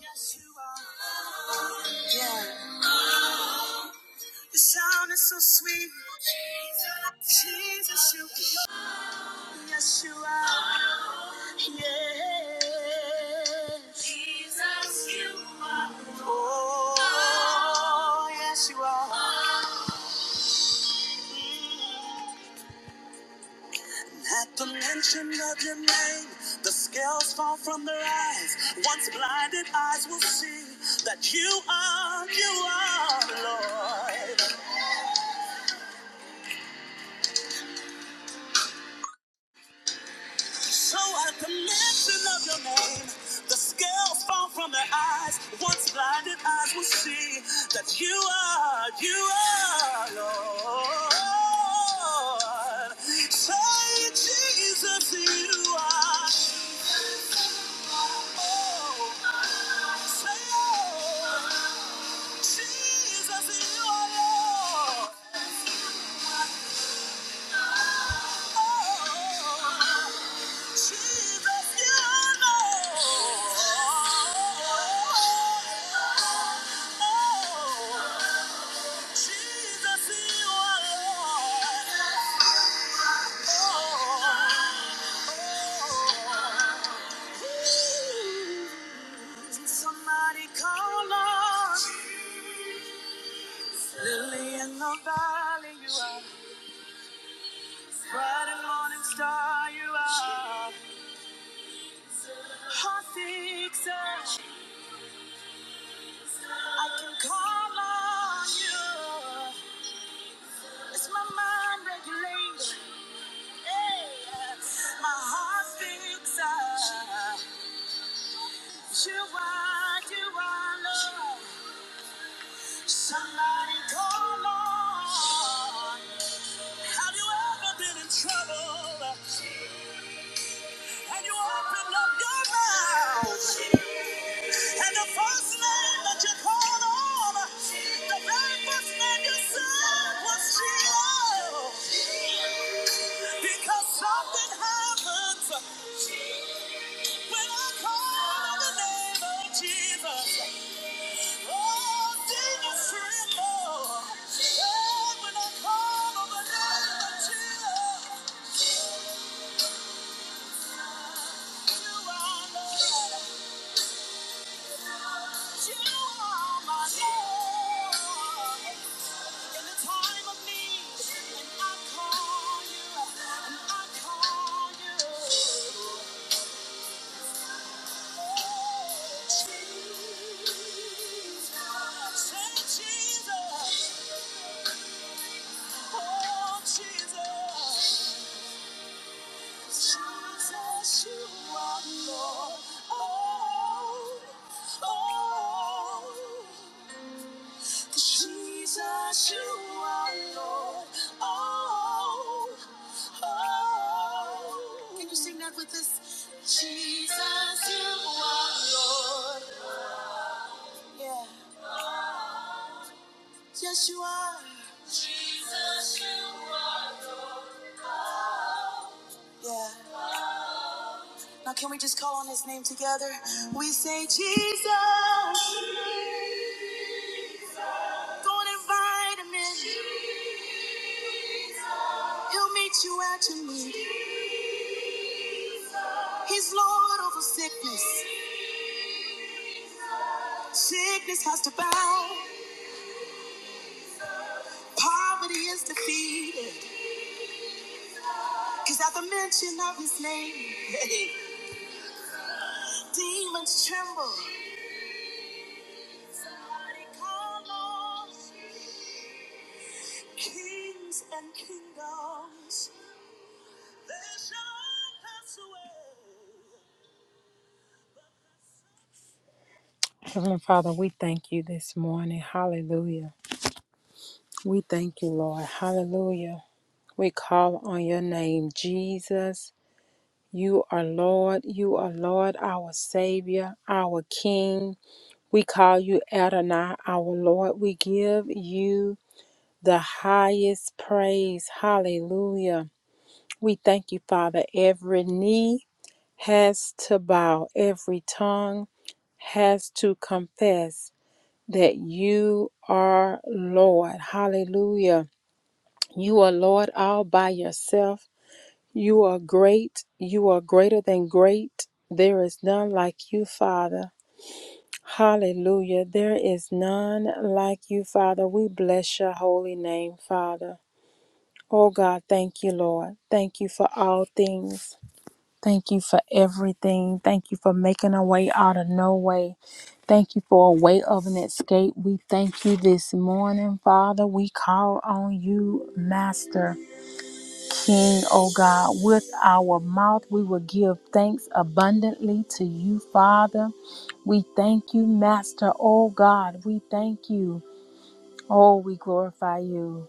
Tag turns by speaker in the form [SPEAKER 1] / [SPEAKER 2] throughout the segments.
[SPEAKER 1] Yes, you are. Yeah. The sound is so sweet. Jesus, Jesus, you are. Yes, you are. Yes. Oh, yes, you are. At the mention of your name, the scales fall from their eyes. Once blinded eyes will see that you are, you are, Lord. So at the mention of your name, the scales fall from their eyes. Once blinded eyes will see that you are, you are Lord. Say, Jesus, you are. Oh, say, oh, Jesus, you are Lord. Oh, Somebody call on Lily in the valley, you are. Bright and morning star, you are. Heart fixer. I can call on you. It's my mind regulator. Hey, my heart fixer. You are, you are love. Somebody call on. Have you ever been in trouble? And you opened up your mouth. And the first name that you called on, the very first name you said was Jesus. Because something happens when I call on the name of Jesus. Oh, demons tremble. Oh, when I call on the name of Jesus, you are Lord. You are my Lord. In the time of need, and I call you, and I call you. Jesus, you are Lord. Oh, oh. Can you sing that with us? Jesus, you are Lord. Yeah. Yes, you are. Jesus, you are. Yeah. Now, can we just call on his name together? We say, Jesus, don't invite him in. He'll meet you at your need. He's Lord over sickness. Sickness has to bow. Poverty is defeated. Because at the mention of his name, demons tremble. Somebody call on Kings and kingdoms Heavenly Father, we thank you this morning. Hallelujah. We thank you, Lord. Hallelujah. We call on your name, Jesus. You are Lord. You are Lord, our Savior, our King. We call you Adonai, our Lord. We give you the highest praise. Hallelujah. We thank you, Father. Every knee has to bow, every tongue has to confess that you are Lord. Hallelujah. You are Lord all by yourself. You are great. You are greater than great. There is none like you, Father. Hallelujah. There is none like you, Father. We bless your holy name, Father. Oh God, thank you, Lord. Thank you for all things. Thank you for everything. Thank you for making a way out of no way. Thank you for a way of an escape. We thank you this morning, Father. We call on you, Master King, O God. With our mouth, we will give thanks abundantly to you, Father. We thank you, Master, O God. We thank you. Oh, we glorify you.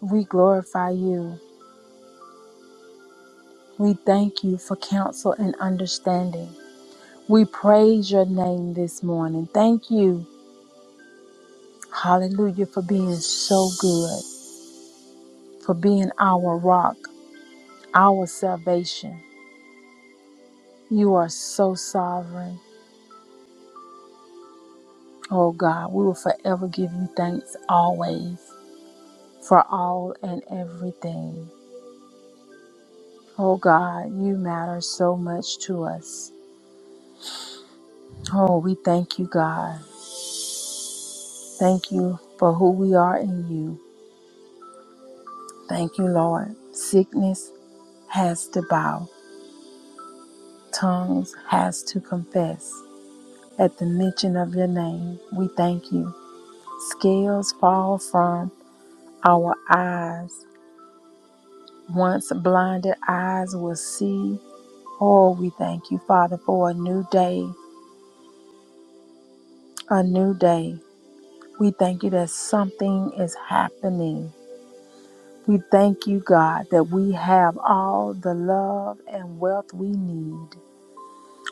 [SPEAKER 1] We glorify you. We thank you for counsel and understanding. We praise your name this morning. Thank you, hallelujah, for being so good, for being our rock, our salvation. You are so sovereign. Oh God, we will forever give you thanks always for all and everything. Oh God, you matter so much to us. Oh, we thank you, God. Thank you for who we are in you. Thank you, Lord. Sickness has to bow. tongues has to confess. At the mention of your name, we thank you. Scales fall from our eyes. Once blinded eyes will see. Oh, we thank you, Father, for a new day, a new day. We thank you that something is happening. We thank you, God, that we have all the love and wealth we need.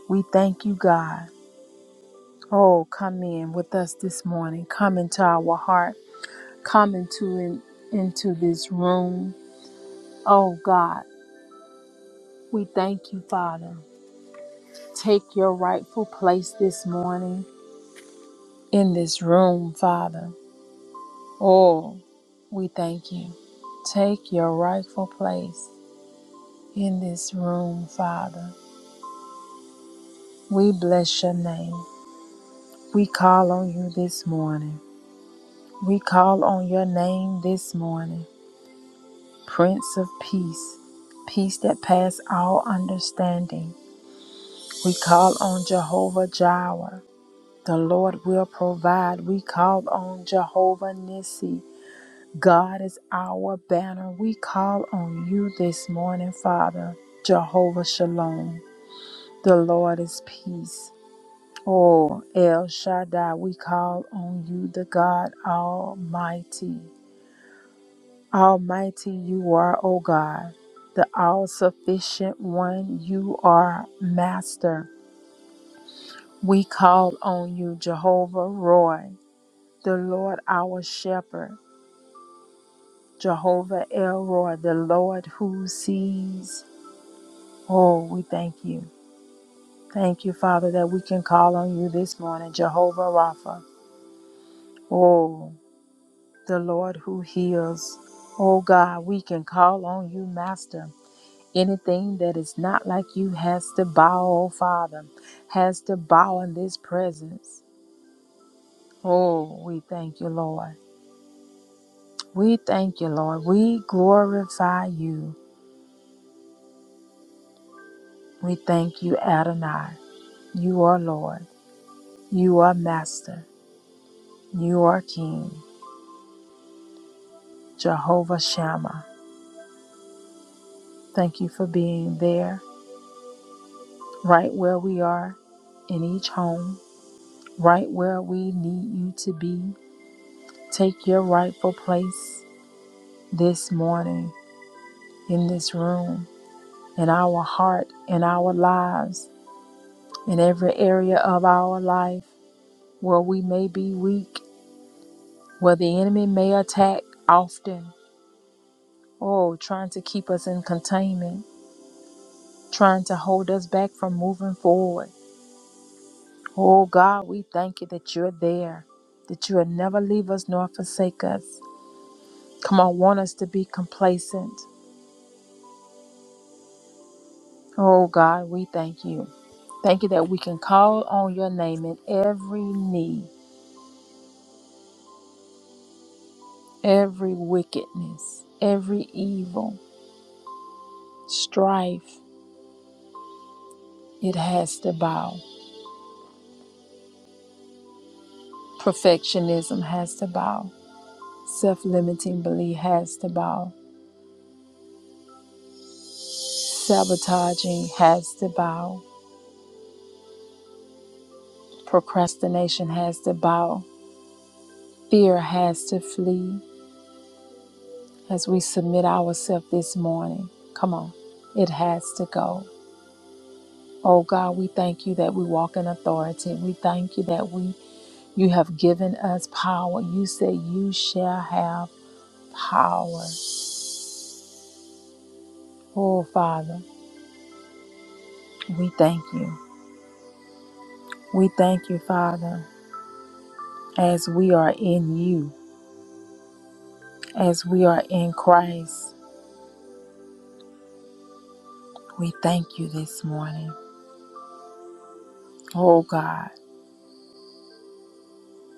[SPEAKER 1] We thank you, God. Oh, come in with us this morning. Come into our heart. come into in, into this room. Oh God, we thank you, Father. Take your rightful place this morning in this room, Father. Oh, we thank you. Take your rightful place in this room, Father. We bless your name. We call on you this morning. We call on your name this morning, Prince of Peace, peace that pass all understanding. We call on Jehovah Jireh. The Lord will provide. We call on Jehovah Nissi. God is our banner. We call on you this morning, Father. Jehovah Shalom. The Lord is peace. Oh, El Shaddai, we call on you, the God Almighty. Almighty you are, O God, the all sufficient one. You are Master. We call on you, Jehovah Roy, the Lord our shepherd, Jehovah Elroy, the Lord who sees. Oh, we thank you. Thank you, Father, that we can call on you this morning, Jehovah Rapha. Oh, the Lord who heals. Oh, God, we can call on you, Master. Anything that is not like you has to bow, oh, Father, has to bow in this presence. Oh, we thank you, Lord. We thank you, Lord. We glorify you. We thank you, Adonai. You are Lord. You are Master. You are King. Jehovah Shammah. Thank you for being there, right where we are, in each home, right where we need you to be. Take your rightful place this morning, in this room, in our heart, in our lives, in every area of our life where we may be weak Where the enemy may attack often, oh, trying to keep us in containment, trying to hold us back from moving forward. Oh God, we thank you that you're there, that you will never leave us nor forsake us. Come on, want us to be complacent. Oh God, we thank you. Thank you that we can call on your name in every need, every wickedness, every evil, strife, it has to bow. Perfectionism has to bow. Self limiting belief has to bow. Sabotaging has to bow. Procrastination has to bow. Fear has to flee as we submit ourselves this morning. Come on, it has to go. Oh God, we thank you that we walk in authority. We thank you that we you have given us power. You say you shall have power. Oh Father, we thank you. We thank you, Father, as we are in you. As we are in Christ, we thank you this morning. Oh God,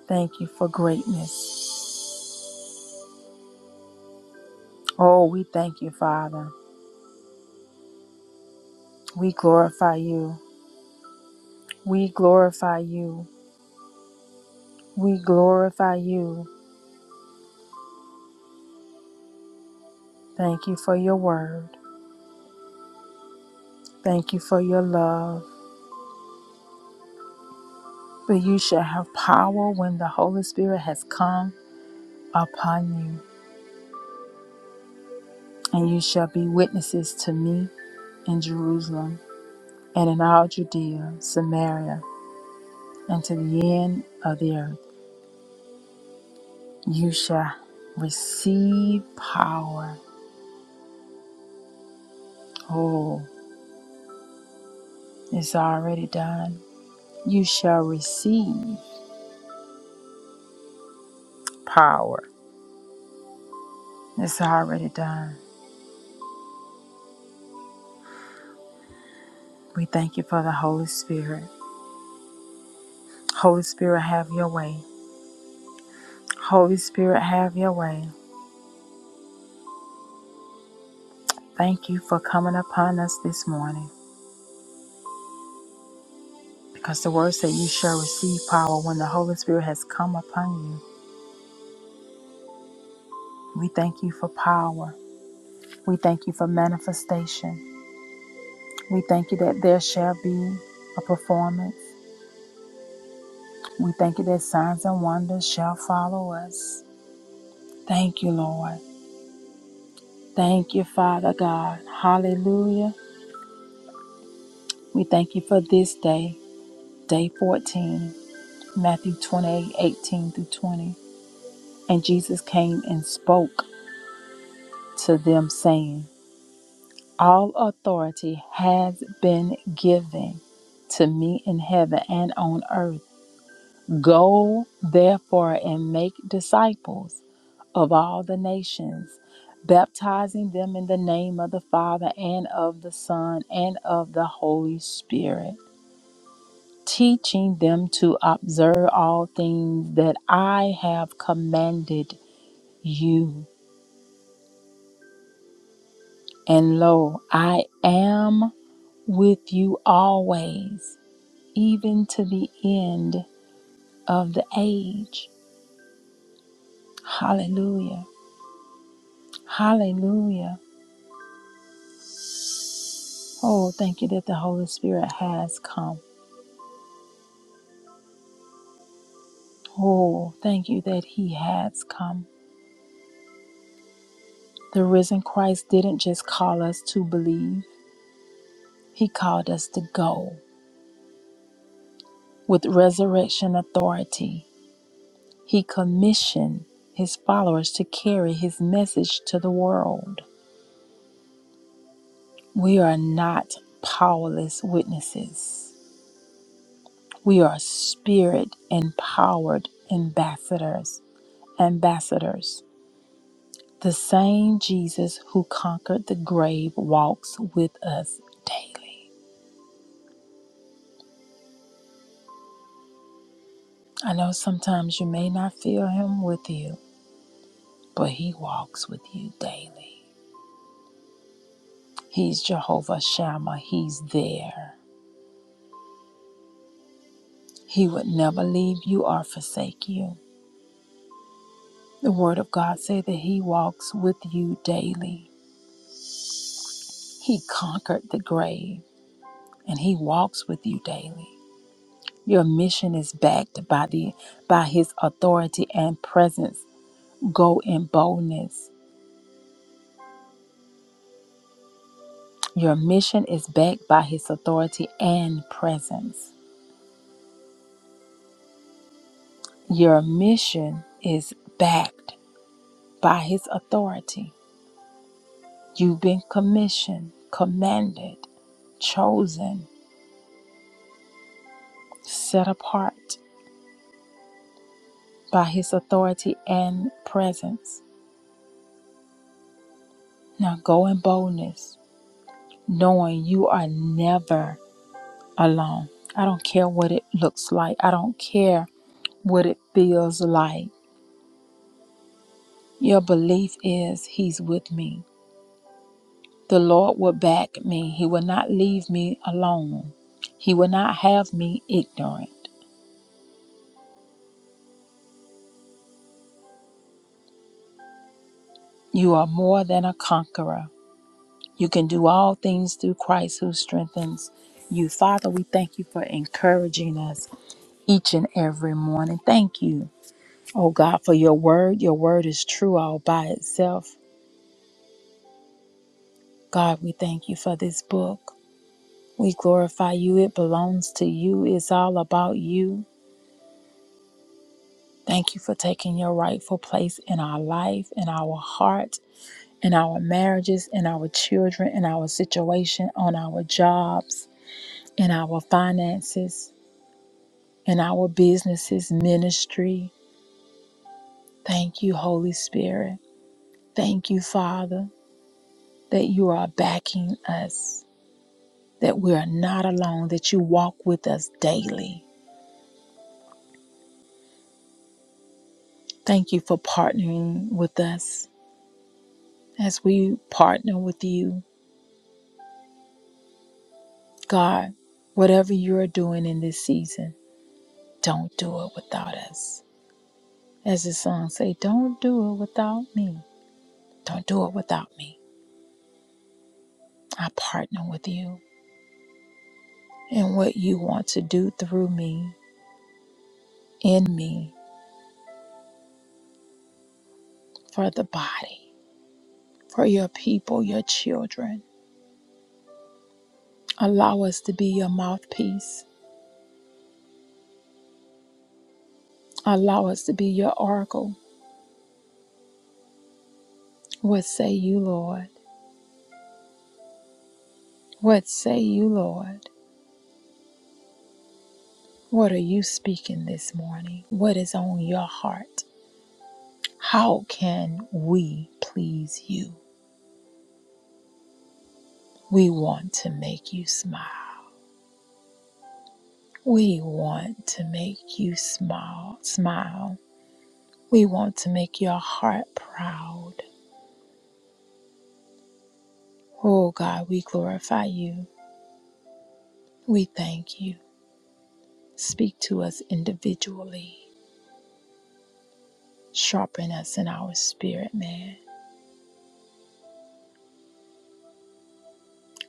[SPEAKER 1] thank you for greatness. Oh, we thank you, Father. We glorify you. We glorify you. We glorify you. Thank you for your word. Thank you for your love. But you shall have power when the Holy Spirit has come upon you. And you shall be witnesses to me in Jerusalem and in all Judea, Samaria, and to the end of the earth. You shall receive power. Oh, it's already done. You shall receive power. It's already done. We thank you for the Holy Spirit. Holy Spirit, have your way. Holy Spirit, have your way. Thank you for coming upon us this morning because the word said you shall receive power when the Holy Spirit has come upon you. We thank you for power. We thank you for manifestation. We thank you that there shall be a performance. We thank you that signs and wonders shall follow us. Thank you, Lord. Thank you, Father God. Hallelujah. We thank you for this day, day 14, Matthew 28 eighteen through 20. And Jesus came and spoke to them, saying, All authority has been given to me in heaven and on earth. Go therefore and make disciples of all the nations, baptizing them in the name of the Father and of the Son and of the Holy Spirit, teaching them to observe all things that I have commanded you. And lo, I am with you always, even to the end of the age. Hallelujah. Hallelujah. Oh, thank you that the Holy Spirit has come. Oh, thank you that He has come. The risen Christ didn't just call us to believe, He called us to go with resurrection authority. He commissioned His followers to carry His message to the world. We are not powerless witnesses, we are spirit empowered ambassadors. Ambassadors. The same Jesus who conquered the grave walks with us daily. I know sometimes you may not feel him with you, but he walks with you daily. He's Jehovah Shammah, he's there. He would never leave you or forsake you. The word of God says that he walks with you daily. He conquered the grave and he walks with you daily. Your mission is backed by the by his authority and presence. Go in boldness. Your mission is backed by his authority and presence. Your mission is backed by His authority. You've been commissioned, commanded, chosen, set apart by His authority and presence. Now go in boldness, knowing you are never alone. I don't care what it looks like, I don't care what it feels like. Your belief is He's with me. The Lord will back me. He will not leave me alone. He will not have me ignorant. You are more than a conqueror. You can do all things through Christ who strengthens you. Father, we thank you for encouraging us each and every morning. Thank you, oh God, for your word. Your word is true all by itself. God, we thank you for this book. We glorify you. It belongs to you. It's all about you. Thank you for taking your rightful place in our life, in our heart, in our marriages, in our children, in our situation, on our jobs, in our finances, in our businesses, ministry. Thank you, Holy Spirit. Thank you, Father, that you are backing us, that we are not alone, that you walk with us daily. Thank you for partnering with us as we partner with you. God, whatever you're doing in this season, don't do it without us. As the song say, don't do it without me. Don't do it without me. I partner with you in what you want to do through me, in me, for the body, for your people, your children. Allow us to be your mouthpiece. Allow us to be your oracle. What say you, Lord? What say you, Lord? What are you speaking this morning? What is on your heart? How can we please you? We want to make you smile. We want to make you smile. Smile. We want to make your heart proud. Oh God, we glorify you. We thank you. Speak to us individually. Sharpen us in our spirit, man.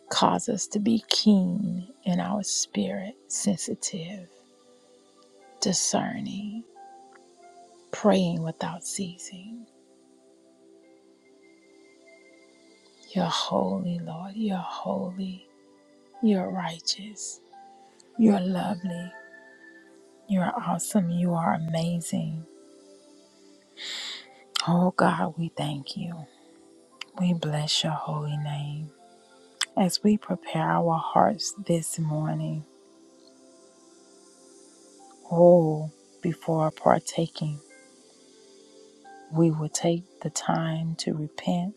[SPEAKER 1] Cause us to be keen in our spirit, sensitive, discerning, praying without ceasing. You're holy, Lord. You're holy. You're righteous. You're lovely. You're awesome. You are amazing. Oh God, we thank you. We bless your holy name. As we prepare our hearts this morning, oh, before partaking, we will take the time to repent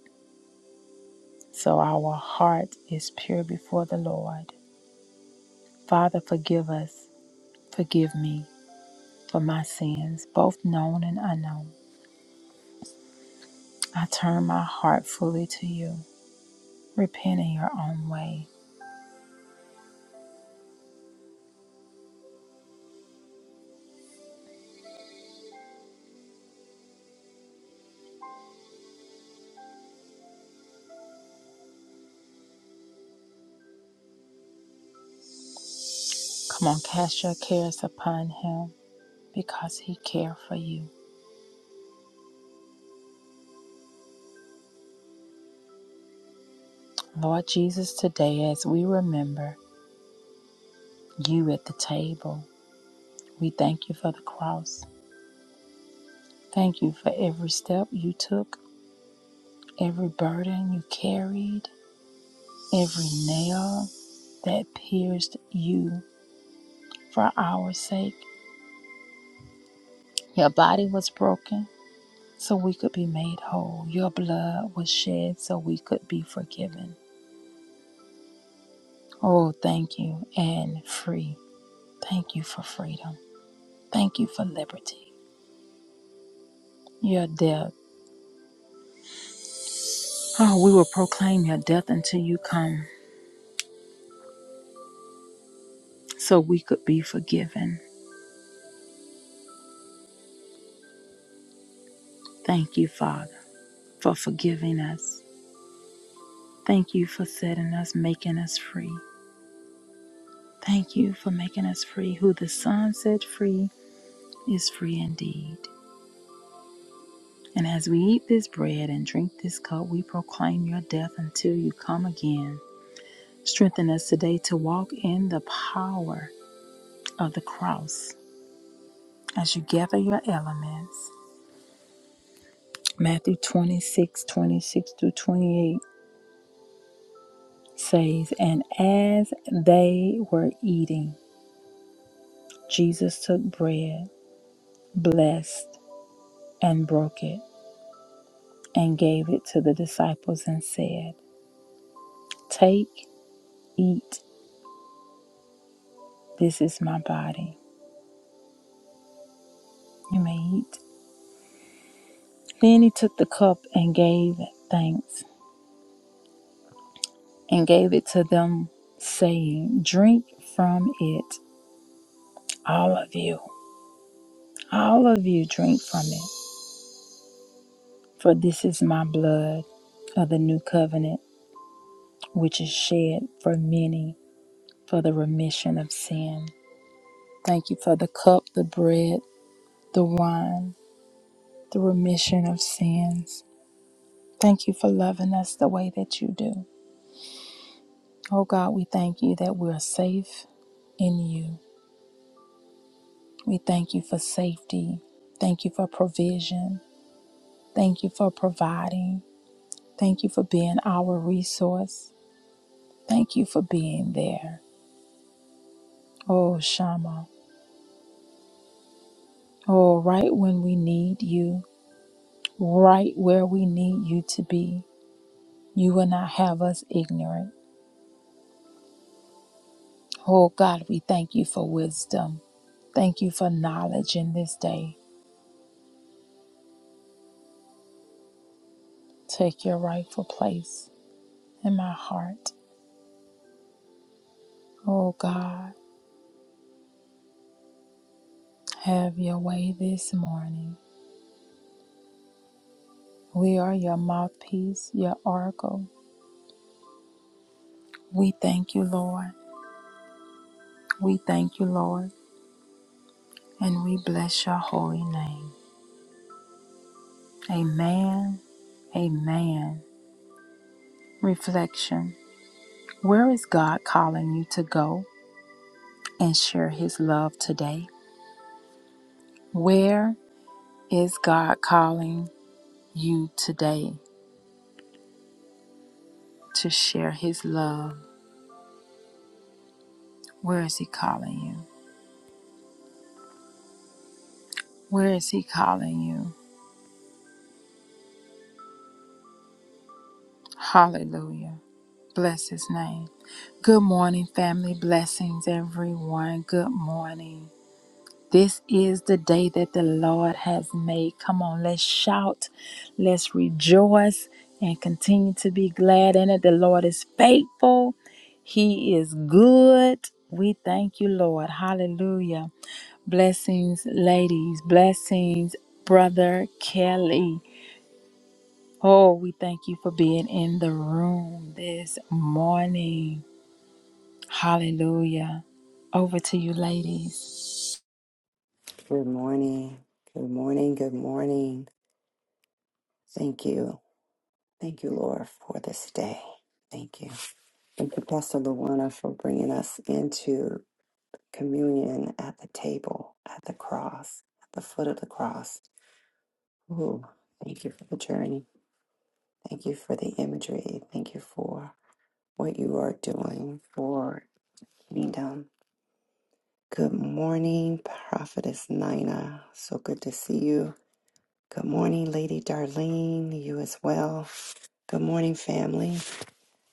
[SPEAKER 1] so our heart is pure before the Lord. Father, forgive us. Forgive me for my sins, both known and unknown. I turn my heart fully to you. Repent in your own way. Come on, cast your cares upon him because he cared for you. Lord Jesus, today as we remember you at the table, we thank you for the cross. Thank you for every step you took, every burden you carried, every nail that pierced you for our sake. Your body was broken, so we could be made whole. Your blood was shed so we could be forgiven. Oh, thank you and free. Thank you for freedom. Thank you for liberty. Your death. Oh, we will proclaim your death until you come so we could be forgiven. Thank you, Father, for forgiving us. Thank you for setting us, making us free. Thank you for making us free. Who the Son set free is free indeed. And as we eat this bread and drink this cup, we proclaim your death until you come again. Strengthen us today to walk in the power of the cross as you gather your elements. Matthew 26 26 through 28 says, And as they were eating, Jesus took bread, blessed, and broke it, and gave it to the disciples and said, Take, eat, this is my body. You may eat. Then he took the cup and gave thanks and gave it to them, saying, Drink from it, all of you. All of you drink from it, for this is my blood of the new covenant, which is shed for many for the remission of sin. Thank you for the cup, the bread, the wine, the remission of sins. Thank you for loving us the way that you do. Oh God, we thank you that we're safe in you. We thank you for safety. Thank you for provision. Thank you for providing. Thank you for being our resource. Thank you for being there. Oh, Shama. Oh, right when we need you, right where we need you to be, you will not have us ignorant. Oh, God, we thank you for wisdom. Thank you for knowledge in this day. Take your rightful place in my heart. Oh, God, have your way this morning. We are your mouthpiece, your oracle. We thank you, Lord. We thank you, Lord. And we bless your holy name. Amen. Amen. Reflection Where is God calling you to go and share his love today? Where is God calling you today to share his love? Where is he calling you? Where is he calling you? Hallelujah. Bless his name. Good morning, family. Blessings, everyone. Good morning. This is the day that the Lord has made. Come on, let's shout, let's rejoice, and continue to be glad in it. The Lord is faithful, He is good. We thank you, Lord. Hallelujah. Blessings, ladies. Blessings, brother Kelly. Oh, we thank you for being in the room this morning. Hallelujah. Over to you, ladies.
[SPEAKER 2] Good morning. Good morning. Good morning. Thank you. Thank you, Lord, for this day. Thank you. Thank you, Pastor Luana, for bringing us into communion at the table, at the cross, at the foot of the cross. Ooh, thank you for the journey. Thank you for the imagery. Thank you for what you are doing for kingdom. Good morning, Prophetess Nina. So good to see you. Good morning, Lady Darlene. You as well. Good morning, family.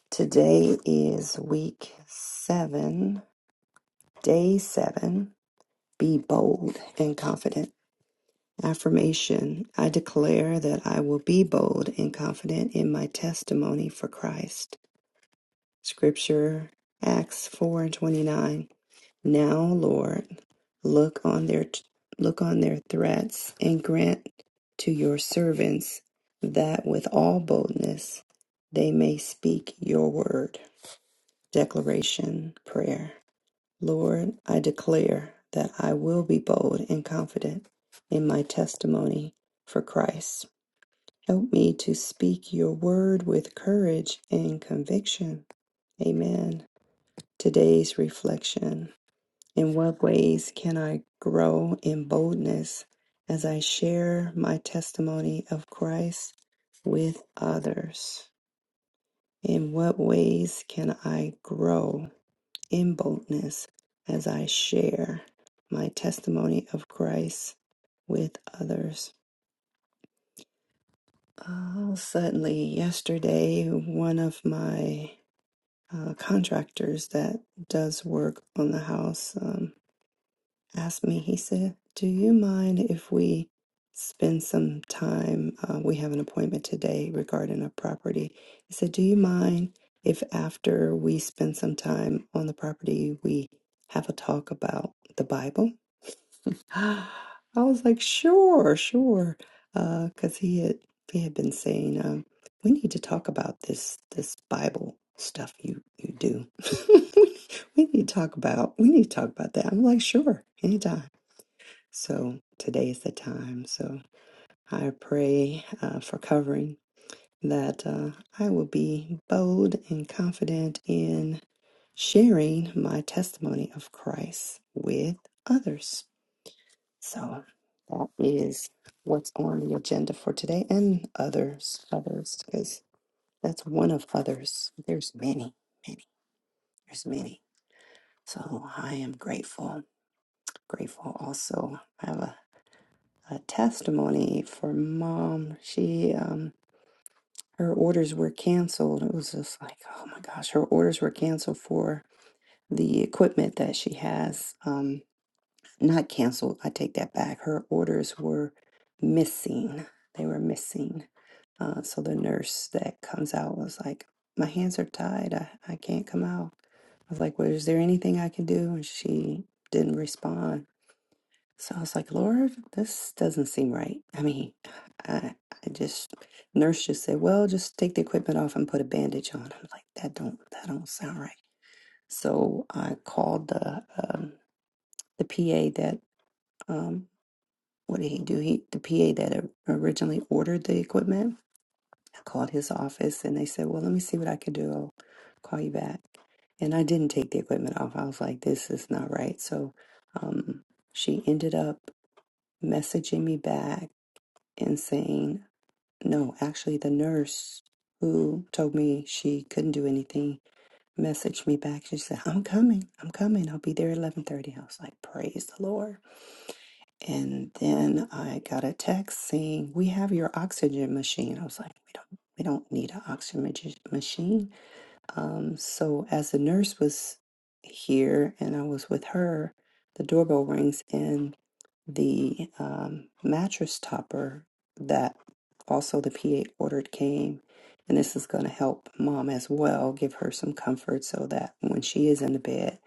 [SPEAKER 2] Today is week seven, day seven. Be bold and confident. Affirmation I declare that I will be bold and confident in my testimony for Christ. Scripture, Acts 4 and 29. Now, Lord, look on their look on their threats and grant to your servants that with all boldness they may speak your word. Declaration prayer. Lord, I declare that I will be bold and confident in my testimony for Christ. Help me to speak your word with courage and conviction. Amen. Today's reflection in what ways can I grow in boldness as I share my testimony of Christ with others? In what ways can I grow in boldness as I share my testimony of Christ with others? Oh, suddenly, yesterday, one of my uh, contractors that does work on the house. Um, asked me, he said, Do you mind if we spend some time? Uh, we have an appointment today regarding a property. He said, Do you mind if after we spend some time on the property, we have a talk about the Bible? I was like, Sure, sure. Because he had he had been saying, um, we need to talk about this this Bible stuff you you do. we need to talk about we need to talk about that. I'm like, sure, anytime. So today is the time. So I pray uh, for covering that uh, I will be bold and confident in sharing my testimony of Christ with others. So that is what's on the agenda for today and others, others, because that's one of others. There's many, many, there's many. So I am grateful, grateful also. I have a. a testimony for mom. She um her orders were canceled. It was just like, oh my gosh, her orders were canceled for the equipment that she has. Um not canceled, I take that back. Her orders were missing. They were missing. Uh, so the nurse that comes out was like, My hands are tied. I, I can't come out. I was like, Well, is there anything I can do? And she didn't respond. So I was like, Lord, this doesn't seem right. I mean, I, I just nurse just said, well, just take the equipment off and put a bandage on. I'm like, that don't that don't sound right. So I called the um, the PA that um, what did he do? He the PA that o- originally ordered the equipment. I called his office and they said, well, let me see what I can do. I'll call you back. And I didn't take the equipment off. I was like, this is not right. So um, she ended up messaging me back and saying, No, actually, the nurse who told me she couldn't do anything messaged me back. She said, I'm coming. I'm coming. I'll be there at 1130. I was like, praise the Lord. And then I got a text saying, we have your oxygen machine. I was like, we don't, we don't need an oxygen mach- machine. Um, so as the nurse was here and I was with her, the doorbell rings and the um, mattress topper that also the PA ordered came. And this is going to help mom as well, give her some comfort so that when she is in the bed,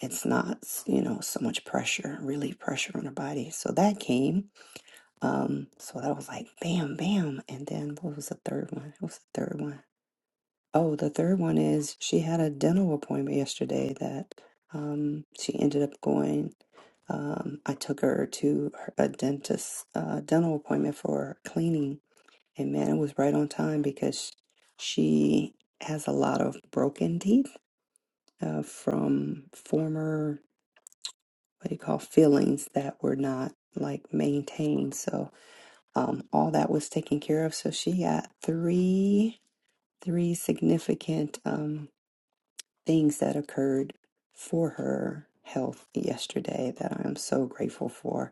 [SPEAKER 2] it's not, you know, so much pressure, relief pressure on her body. So that came. Um, so that was like bam, bam. And then what was the third one? What was the third one? Oh, the third one is she had a dental appointment yesterday that um, she ended up going. Um, I took her to her- a dentist uh, dental appointment for cleaning, and man, it was right on time because she has a lot of broken teeth uh, from former what do you call fillings that were not like maintained. So um, all that was taken care of. So she got three three significant. Um, things that occurred for her health yesterday that I'm so grateful for.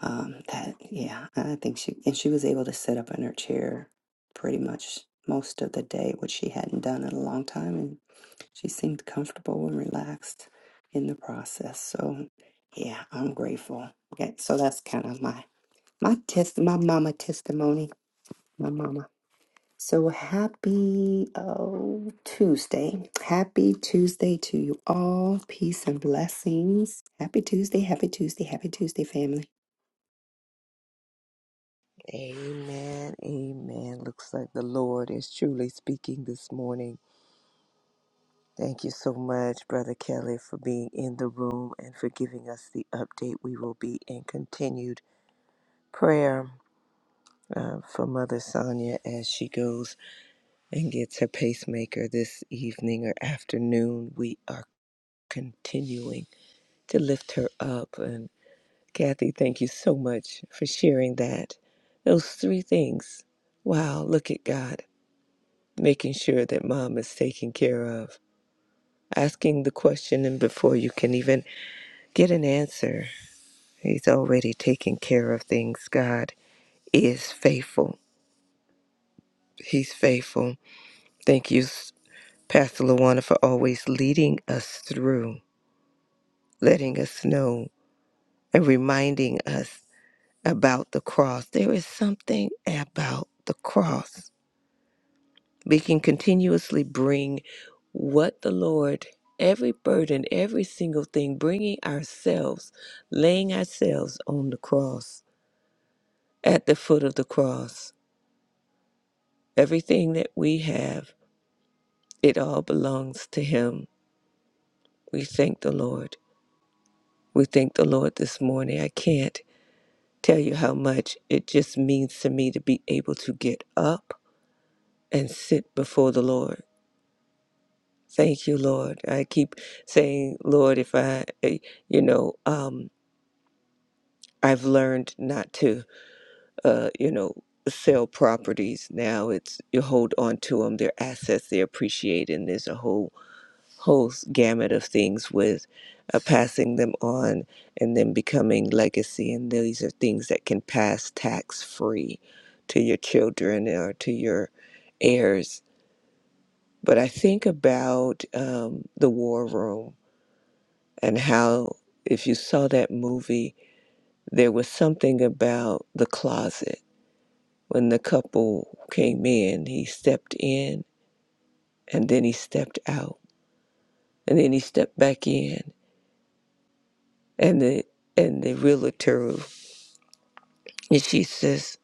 [SPEAKER 2] Um, that yeah, I think she and she was able to sit up in her chair pretty much most of the day, which she hadn't done in a long time, and she seemed comfortable and relaxed in the process. So yeah, I'm grateful. Okay, so that's kind of my my test, my mama testimony, my mama. So happy oh, Tuesday. Happy Tuesday to you all. Peace and blessings. Happy Tuesday. Happy Tuesday. Happy Tuesday, family.
[SPEAKER 3] Amen. Amen. Looks like the Lord is truly speaking this morning. Thank you so much, Brother Kelly, for being in the room and for giving us the update. We will be in continued prayer uh, for Mother Sonia as she goes and gets her pacemaker this evening or afternoon. We are continuing to lift her up. And Kathy, thank you so much for sharing that. Those three things. Wow, look at God. making sure that mom is taken care of, asking the question, and before you can even get an answer, he's already taken care of things. God is faithful. He's faithful. Thank you, Pastor Luana, for always leading us through, letting us know, and reminding us about the cross. There is something about the cross we can continuously bring what the Lord, every burden, every single thing, bringing ourselves, laying ourselves on the cross, at the foot of the cross. Everything that we have, it all belongs to Him. We thank the Lord. We thank the Lord this morning. I can't tell you how much it just means to me to be able to get up and sit before the Lord Thank you, Lord. I keep saying, Lord, if I, eh, you know, um, I've learned not to, uh, you know, sell properties. Now it's you hold on to them. They're assets. They appreciate, and there's a whole whole gamut of things with uh, passing them on and then becoming legacy. And these are things that can pass tax free to your children or to your heirs. But I think about um, the war room and how if you saw that movie there was something about the closet when the couple came in he stepped in and then he stepped out and then he stepped back in and the and the realtor and she says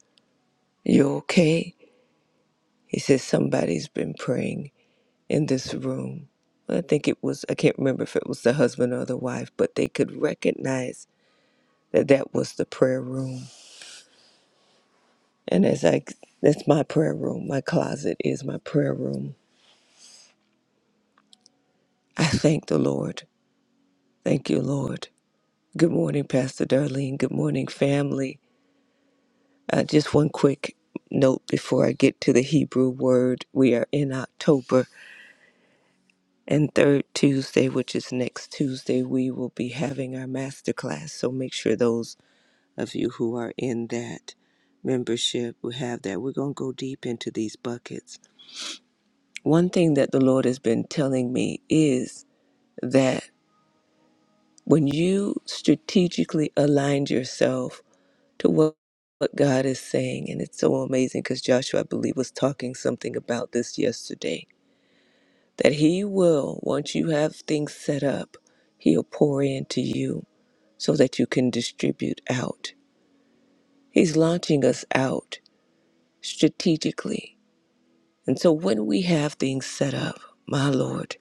[SPEAKER 3] you okay he says somebody's been praying in this room i think it was i can't remember if it was the husband or the wife but they could recognize that that was the prayer room And as I, that's my prayer room. My closet is my prayer room. I thank the Lord. Thank you, Lord. Good morning, Pastor Darlene. Good morning, family. Uh, just one quick note before I get to the Hebrew word. We are in October, and third Tuesday, which is next Tuesday, we will be having our masterclass. So make sure those of you who are in that membership who have that. We're going to go deep into these buckets. One thing that the Lord has been telling me is that when you strategically aligned yourself to what, what God is saying, and it's so amazing because Joshua, I believe, was talking something about this yesterday, that He will, once you have things set up, He'll pour into you so that you can distribute out. He's launching us out strategically. And so when we have things set up, my Lord,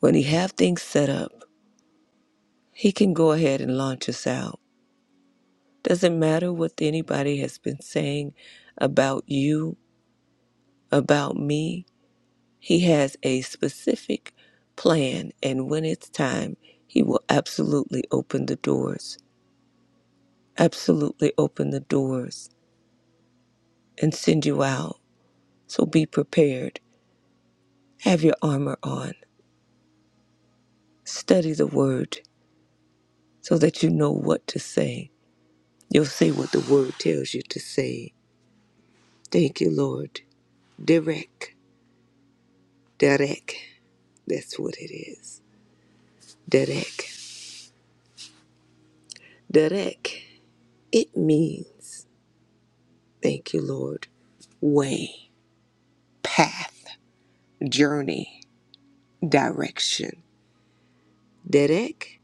[SPEAKER 3] when He have things set up, He can go ahead and launch us out Doesn't matter what anybody has been saying about you, about me. He has a specific plan, and when it's time, He will absolutely open the doors, absolutely open the doors and send you out. So be prepared. Have your armor on. Study the Word so that you know what to say. You'll say what the Word tells you to say. Thank you, Lord. Direct, direct. That's what it is. Derek. Derek, it means, thank you, Lord, way, path, journey, direction. Derek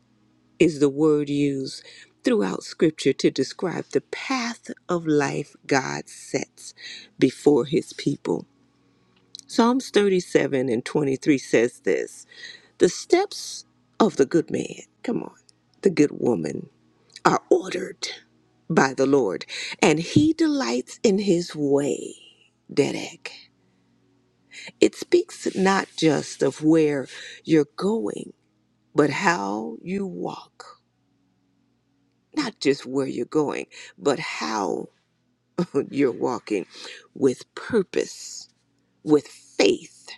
[SPEAKER 3] is the word used throughout Scripture to describe the path of life God sets before his people. Psalms 37 and 23 says this The steps of the good man, come on, the good woman are ordered by the Lord, and he delights in his way. Dedek. It speaks not just of where you're going, but how you walk. Not just where you're going, but how you're walking with purpose, with faith,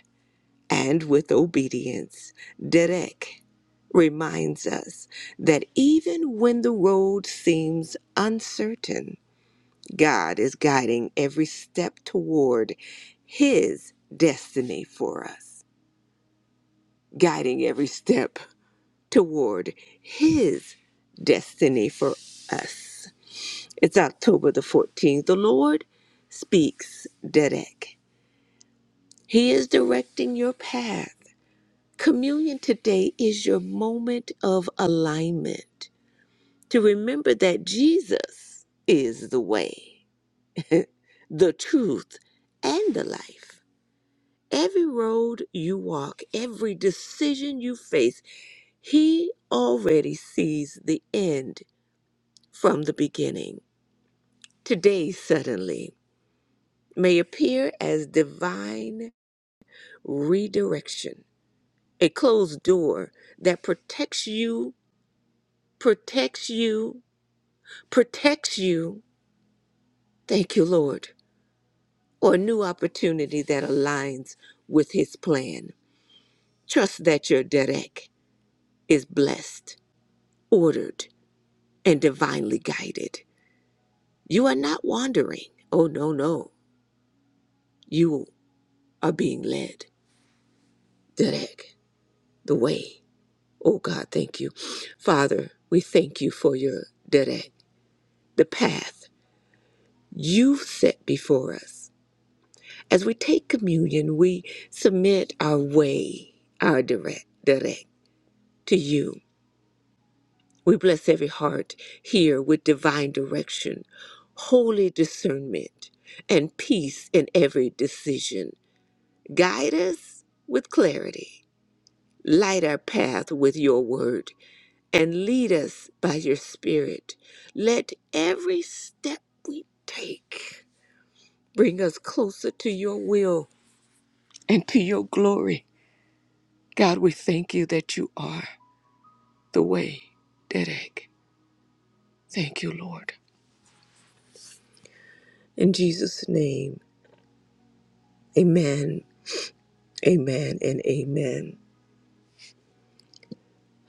[SPEAKER 3] and with obedience. Derek reminds us that even when the road seems uncertain, God is guiding every step toward His destiny for us, guiding every step toward His destiny for us. It's October the 14th. The Lord speaks Dedek. He is directing your path. Communion today is your moment of alignment to remember that Jesus is the way, the truth, and the life. Every road you walk, every decision you face, He already sees the end from the beginning. Today, suddenly, may appear as divine redirection, a closed door that protects you, protects you, protects you. Thank you, Lord. Or a new opportunity that aligns with His plan. Trust that your Derek is blessed, ordered, and divinely guided. You are not wandering. Oh, no, no. You are being led. Direct the way. Oh, God, thank you. Father, we thank you for your direct, the path you've set before us. As we take communion, we submit our way, our direct, direct to you. We bless every heart here with divine direction, holy discernment, and peace in every decision. Guide us with clarity, light our path with your word, and lead us by your spirit. Let every step we take bring us closer to your will and to your glory. God, we thank you that you are the way, Dedek. Thank you, Lord. In Jesus' name, amen, amen, and amen.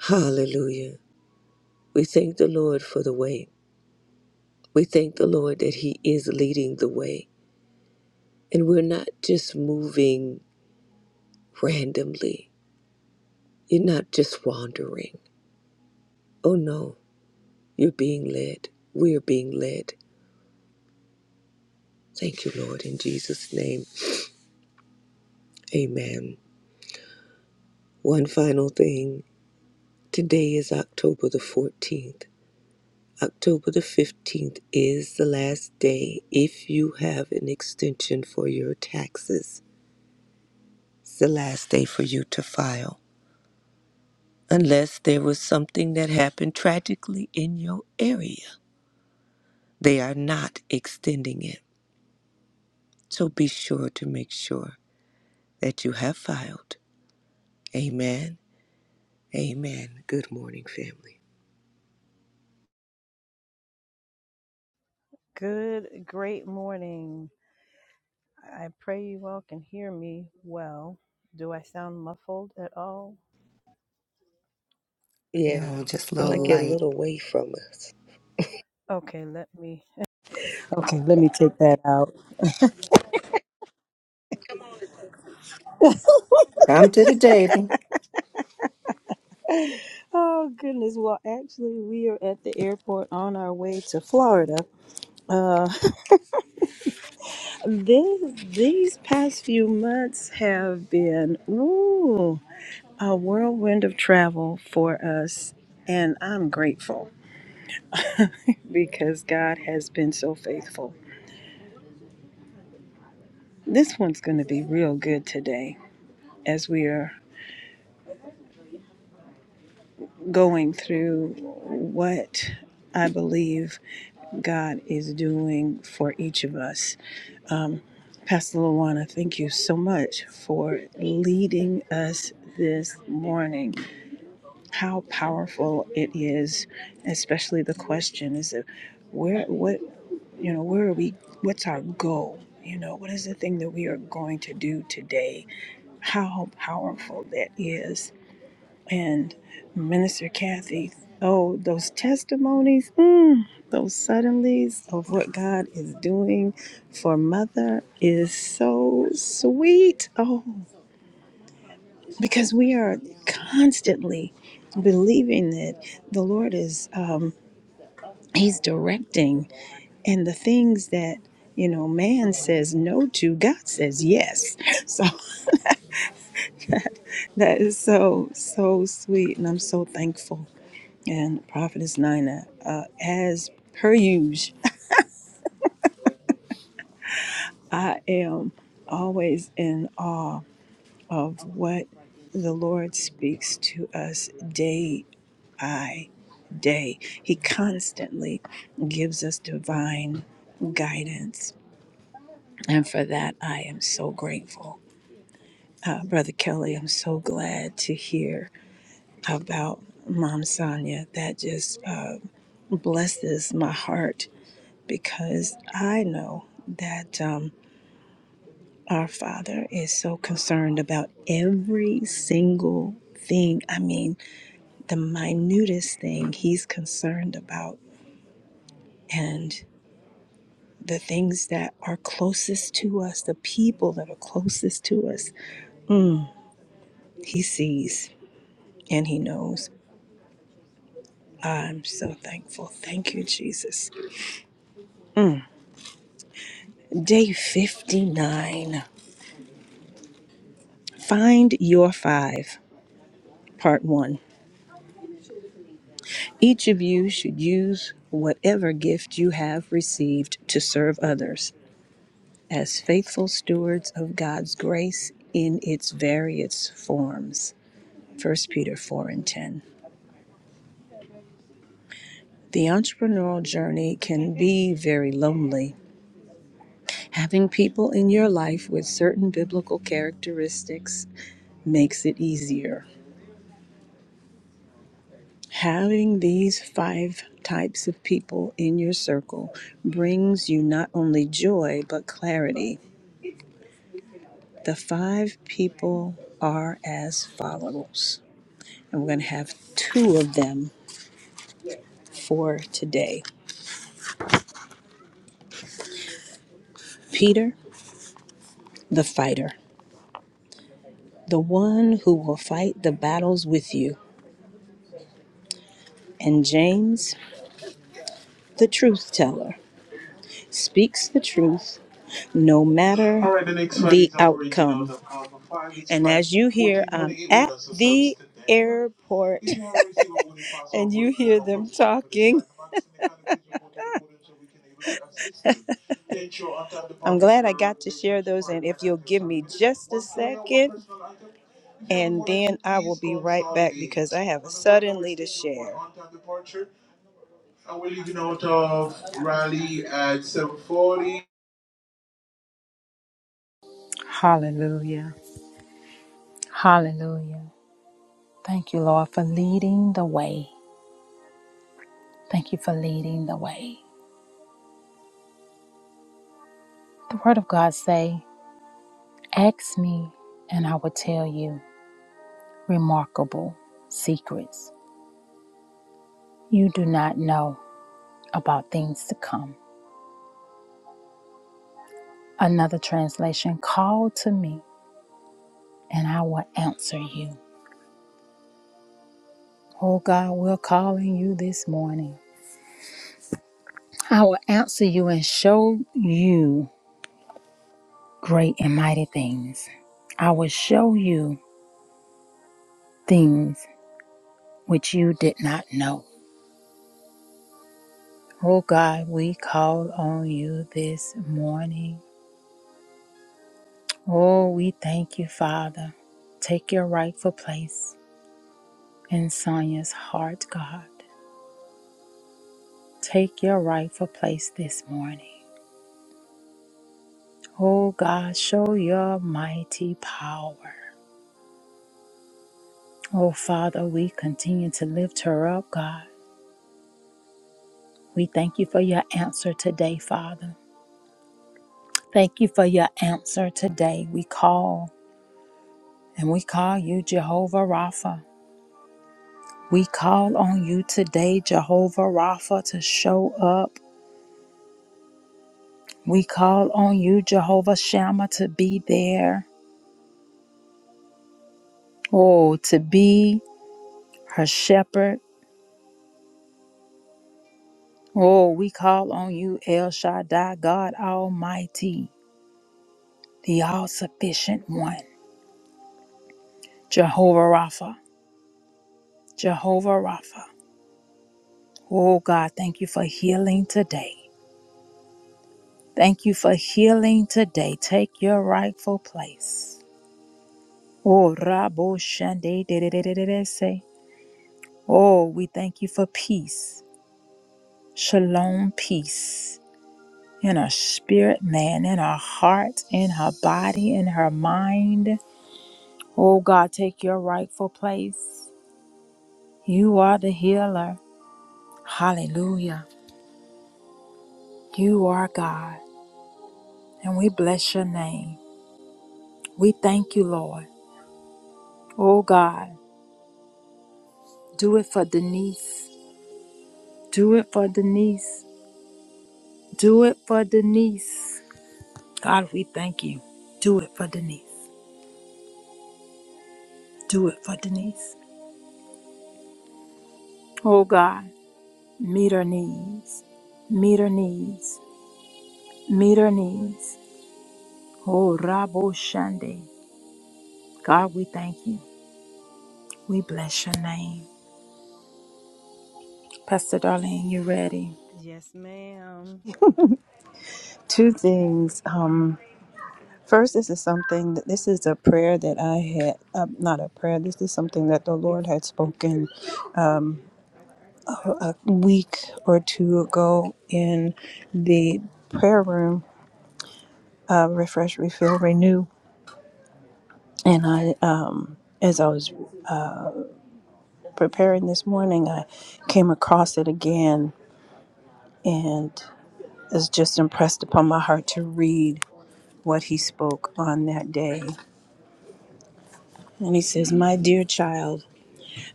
[SPEAKER 3] Hallelujah. We thank the Lord for the way. We thank the Lord that He is leading the way. And we're not just moving randomly. You're not just wandering. Oh no, you're being led. We are being led. Thank you, Lord, in Jesus' name. Amen. One final thing. Today is October the 14th. October the 15th is the last day if you have an extension for your taxes. It's the last day for you to file, unless there was something that happened tragically in your area They are not extending it. So be sure to make sure that you have filed. Amen. Amen. Good morning, family.
[SPEAKER 4] Good, great morning. I pray you all can hear me well. Do I sound muffled at all?
[SPEAKER 3] Yeah,
[SPEAKER 2] No, just a
[SPEAKER 3] sound
[SPEAKER 2] little
[SPEAKER 3] like you're a
[SPEAKER 2] light.
[SPEAKER 4] Oh,
[SPEAKER 3] little away from us.
[SPEAKER 4] okay. Let me. Okay, let me take that out.
[SPEAKER 2] Come to the table.
[SPEAKER 4] oh goodness. Well, actually, we are at the airport on our way to Florida. Uh, this, these past few months have been ooh a whirlwind of travel for us, and I'm grateful. because God has been so faithful. This one's going to be real good today as we are going through what I believe God is doing for each of us. Pastor Luana, thank you so much for leading us this morning. How powerful it is, especially the question is of where what you know, where are we what's our goal? You know, what is the thing that we are going to do today? how powerful that is. And Minister Kathy, oh, those testimonies, mm, those suddenlies of what God is doing for Mother is so sweet. Oh, because we are constantly believing that the Lord is, um, He's directing, and the things that you know, man says no to, God says yes. So that is so, so sweet. And I'm so thankful and Prophetess Nina. Uh, as per usual, I am always in awe of what the Lord speaks to us day by day. He constantly gives us divine guidance. And for that, I am so grateful. Uh, Brother Kelly, I'm so glad to hear about Mom Sonia. That just uh, blesses my heart because I know that um, our Father is so concerned about every single thing. I mean, the minutest thing He's concerned about. And the things that are closest to us, the people that are closest to us, mm, He sees and He knows. I'm so thankful. Thank you, Jesus. Mm. Day 59 Find Your Five, Part 1. Each of you should use whatever gift you have received to serve others as faithful stewards of God's grace in its various forms. First Peter 4 and 10. The entrepreneurial journey can be very lonely. Having people in your life with certain biblical characteristics makes it easier. Having these five types of people in your circle brings you not only joy but clarity The five people are as follows. And we're going to have two of them for today Peter, the fighter, the one who will fight the battles with you, and James, the truth teller, speaks the truth no matter All right, the next one the is operational. outcome. The power five is And as you hear, I'm at the airport and you hear them talking. so I'm glad I got to share those. And if you'll give me just a second, and then I will be right back because I have Remember, suddenly to share. on-time departure, and we're leaving out of Raleigh at 7:40.
[SPEAKER 1] Hallelujah. Hallelujah. Thank you, Lord, for leading the way. Thank you for leading the way. The word of God say, "Ask me, and I will tell you remarkable secrets you do not know about things to come." Another translation, "Call to me, and I will answer you." Oh God, we're calling you this morning. I will answer you and show you. great and mighty things. I will show you things which you did not know. Oh God, we call on you this morning. Oh, we thank you, Father. Take your rightful place in Sonia's heart, God. Take your rightful place this morning. Oh God, show your mighty power. Oh Father, we continue to lift her up, God. We thank you for your answer today, Father. Thank you for your answer today. We call and we call you Jehovah Rapha. We call on you today, Jehovah Rapha, to show up. We call on you, Jehovah Shammah, to be there. Oh, to be her shepherd. Oh, we call on you, El Shaddai, God Almighty, the all sufficient one, Jehovah Rapha. Jehovah Rapha. Oh, God, thank you for healing today. Thank you for healing today. Take your rightful place. Oh, Rabo Shande de de de de de de se. Oh, we thank you for peace. Shalom, peace in her spirit, man, in her heart, in her body, in her mind. Oh, God, take your rightful place. You are the healer. Hallelujah. You are God, and we bless your name. We thank you, Lord. Oh, God, do it for Denise. Do it for Denise. Do it for Denise. God, we thank you. Do it for Denise. Do it for Denise. Oh God, meet her needs. Meet her needs. Meet her needs. Oh Rabo Shande. God, we thank you. We bless your name. Pastor Darlene, you ready?
[SPEAKER 4] Yes, ma'am. Two things. Um, first, this is something that this is a prayer that I had, uh, not a prayer, this is something that the Lord had spoken week or two ago in the prayer room, uh, Refresh, Refill, Renew. And I, um, as I was preparing this morning, I came across it again and it's just impressed upon my heart to read what he spoke on that day. And he says, My dear child,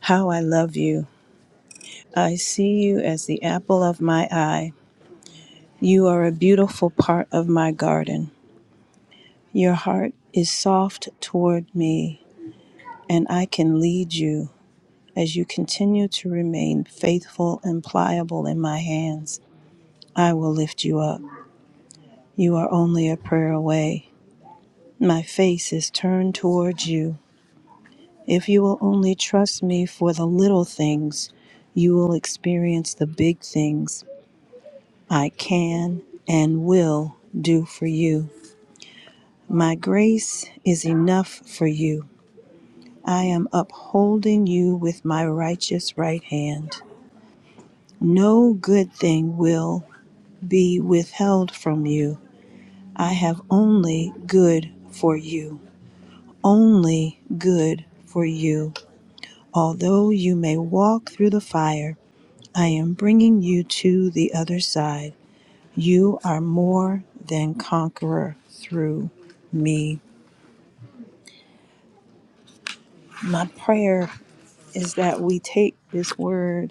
[SPEAKER 4] how I love you. I see you as the apple of my eye. You are a beautiful part of my garden. Your heart is soft toward me, and I can lead you as you continue to remain faithful and pliable in my hands. I will lift you up. You are only a prayer away. My face is turned towards you. If you will only trust me for the little things, you will experience the big things I can and will do for you. My grace is enough for you. I am upholding you with my righteous right hand. No good thing will be withheld from you. I have only good for you. Only good for you. Although you may walk through the fire, I am bringing you to the other side. You are more than conqueror through me. My prayer is that we take this word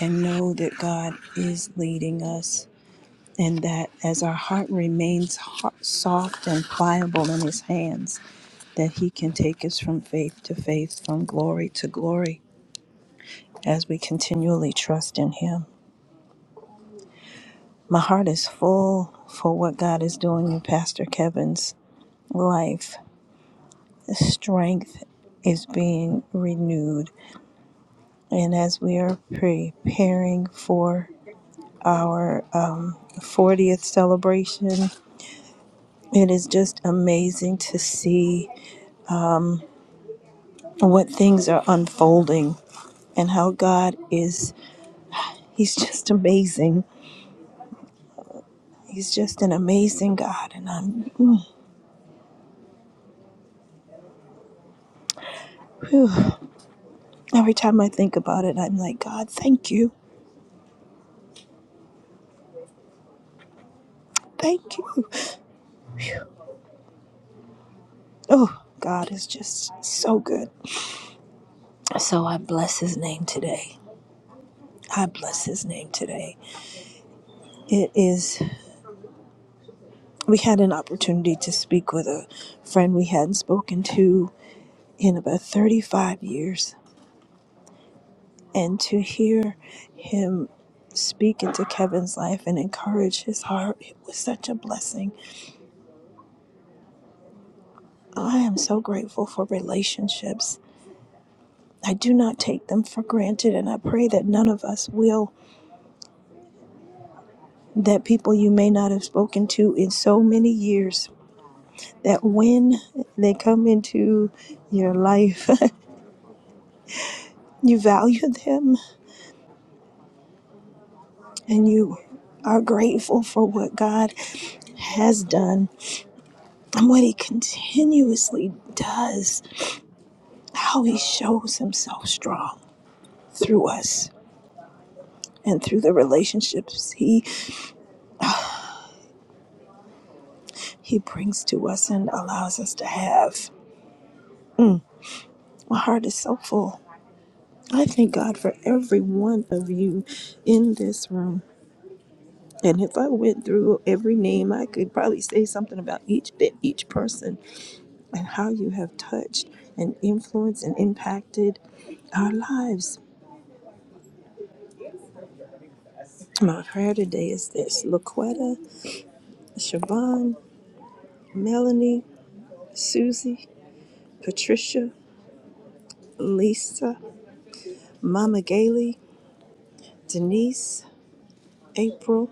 [SPEAKER 4] and know that God is leading us, and that as our heart remains ho- soft and pliable in His hands, that He can take us from faith to faith, from glory to glory, as we continually trust in Him. My heart is full for what God is doing in Pastor Kevin's life. The strength is being renewed, and as we are preparing for our uh, 40th celebration It is just amazing to see what things are unfolding and how God is, He's just amazing. He's just an amazing God. And I'm, mm, whew. every time I think about it, I'm like, God, thank you. Thank you. Oh, God is just so good. So I bless His name today. I bless His name today. It is, we had an opportunity to speak with a friend we hadn't spoken to in about 35 years and to hear him speak into Kevin's life and encourage his heart it was such a blessing. I am so grateful for relationships. I do not take them for granted, and I pray that none of us will. That people you may not have spoken to in so many years, that when they come into your life, you value them and you are grateful for what God has done and what He continuously does how he shows himself strong through us and through the relationships he he brings to us and allows us to have Mm, my heart is so full i thank god for every one of you in this room and if i went through every name i could probably say something about each bit each person and how you have touched and influenced and impacted our lives my prayer today is this laquetta siobhan melanie susie Patricia, Lisa, Mama Gailey, Denise, April,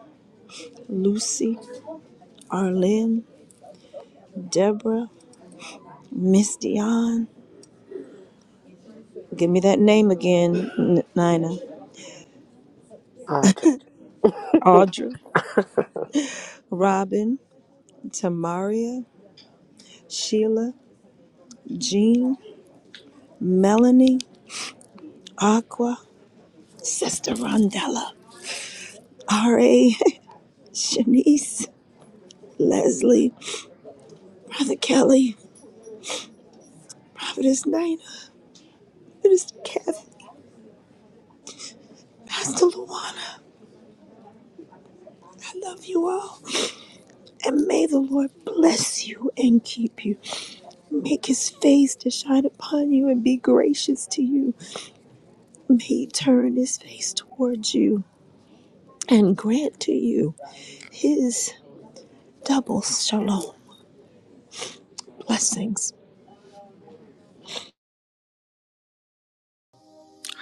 [SPEAKER 4] Lucy, Arlene, Deborah, Miss Dion. Give me that name again, N- Nina.
[SPEAKER 3] Audra.
[SPEAKER 4] Audra, Robin, Tamaria, Sheila, Jean, Melanie, Aqua, Sister Rondella, R.A., Shanice, Leslie, Brother Kelly, Prophetess Nina, Minister Kathy, Pastor Luana. I love you all. And may the Lord bless you and keep you. Make his face to shine upon you and be gracious to you. May he turn his face towards you and grant to you his double shalom blessings.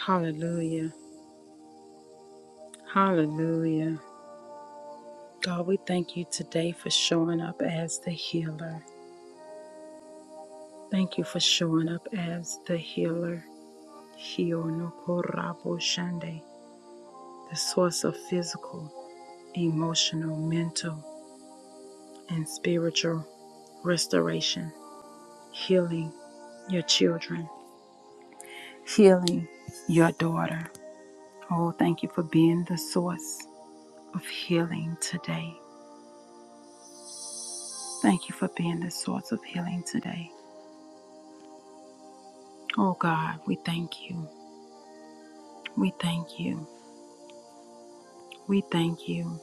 [SPEAKER 1] Hallelujah. Hallelujah. God, we thank you today for showing up as the healer. Thank you for showing up as the healer. Hionokorabo Shande, the source of physical, emotional, mental, and spiritual restoration, healing your children, healing your daughter. Oh, thank you for being the source of healing today. Thank you for being the source of healing today. Oh God, we thank you. We thank you. We thank you.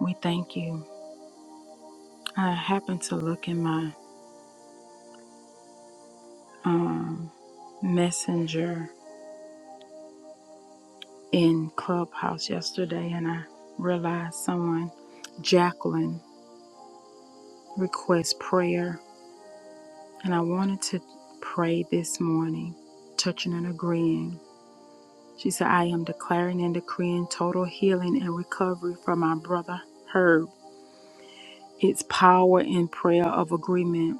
[SPEAKER 1] We thank you. I happened to look in my um, messenger in Clubhouse yesterday and I realized someone, Jacqueline, requests prayer. And I wanted to pray this morning, touching and agreeing. She said, I am declaring and decreeing total healing and recovery for my brother Herb. It's power in prayer of agreement.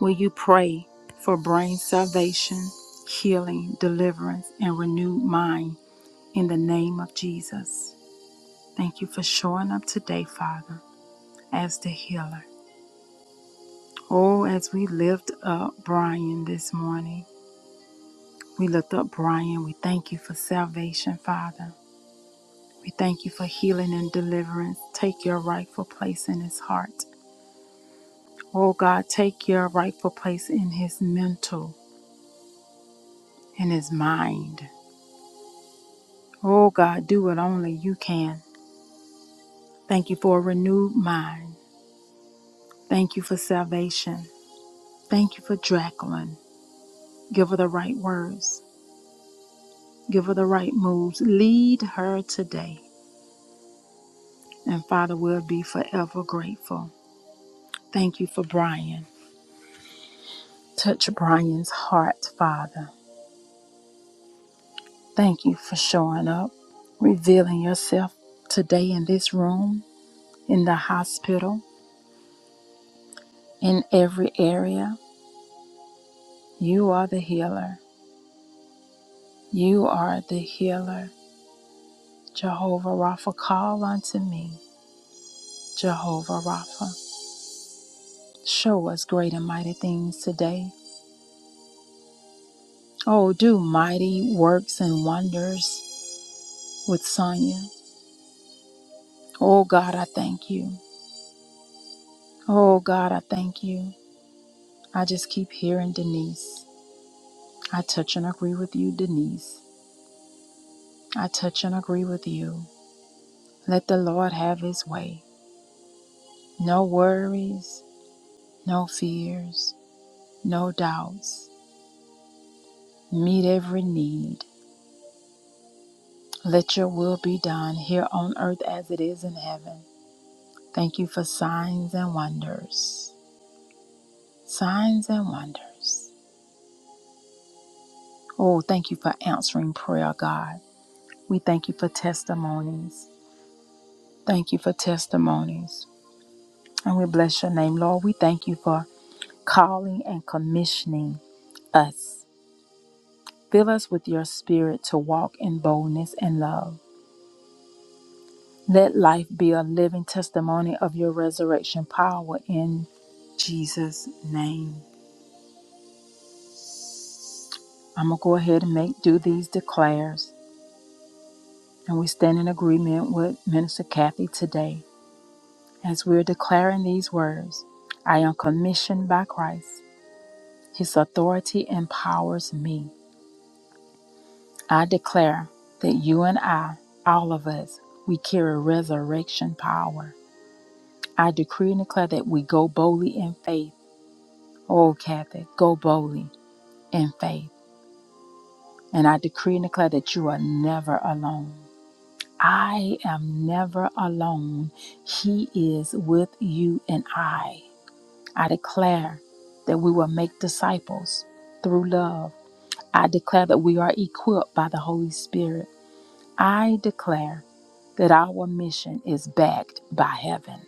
[SPEAKER 1] Will you pray for brain salvation, healing, deliverance, and renewed mind in the name of Jesus? Thank you for showing up today, Father. as the healer. Oh, as we lift up Brian this morning, we lift up Brian. We thank you for salvation, Father. We thank you for healing and deliverance. Take your rightful place in his heart. Oh, God, take your rightful place in his mental, in his mind. Oh, God, do what only you can. Thank you for a renewed mind. Thank you for salvation. Thank you for Jacqueline. Give her the right words. Give her the right moves. Lead her today. And Father, we'll be forever grateful. Thank you for Brian. Touch Brian's heart, Father. Thank you for showing up, revealing yourself today in this room, in the hospital, in every area. You are the healer. You are the healer. Jehovah Rapha, call unto me. Jehovah Rapha, show us great and mighty things today. Oh, do mighty works and wonders with Sonia. Oh God, I thank you. Oh God, I thank you. I just keep hearing Denise. I touch and agree with you, Denise. I touch and agree with you. Let the Lord have his way. No worries, no fears, no doubts. Meet every need. Let your will be done here on earth as it is in heaven. Thank you for signs and wonders. Signs and wonders. Oh, thank you for answering prayer, God. We thank you for testimonies. Thank you for testimonies. And we bless your name, Lord. We thank you for calling and commissioning us. Fill us with your spirit to walk in boldness and love. Let life be a living testimony of your resurrection power in Jesus' name. I'm going to go ahead and make do these declares. And we stand in agreement with Minister Kathy today as we're declaring these words I am commissioned by Christ, his authority empowers me. I declare that you and I, all of us, we carry resurrection power. I decree and declare that we go boldly in faith. Oh, Kathy, go boldly in faith. And I decree and declare that you are never alone. I am never alone. He is with you and I. I declare that we will make disciples through love. I declare that we are equipped by the Holy Spirit. I declare that our mission is backed by heaven.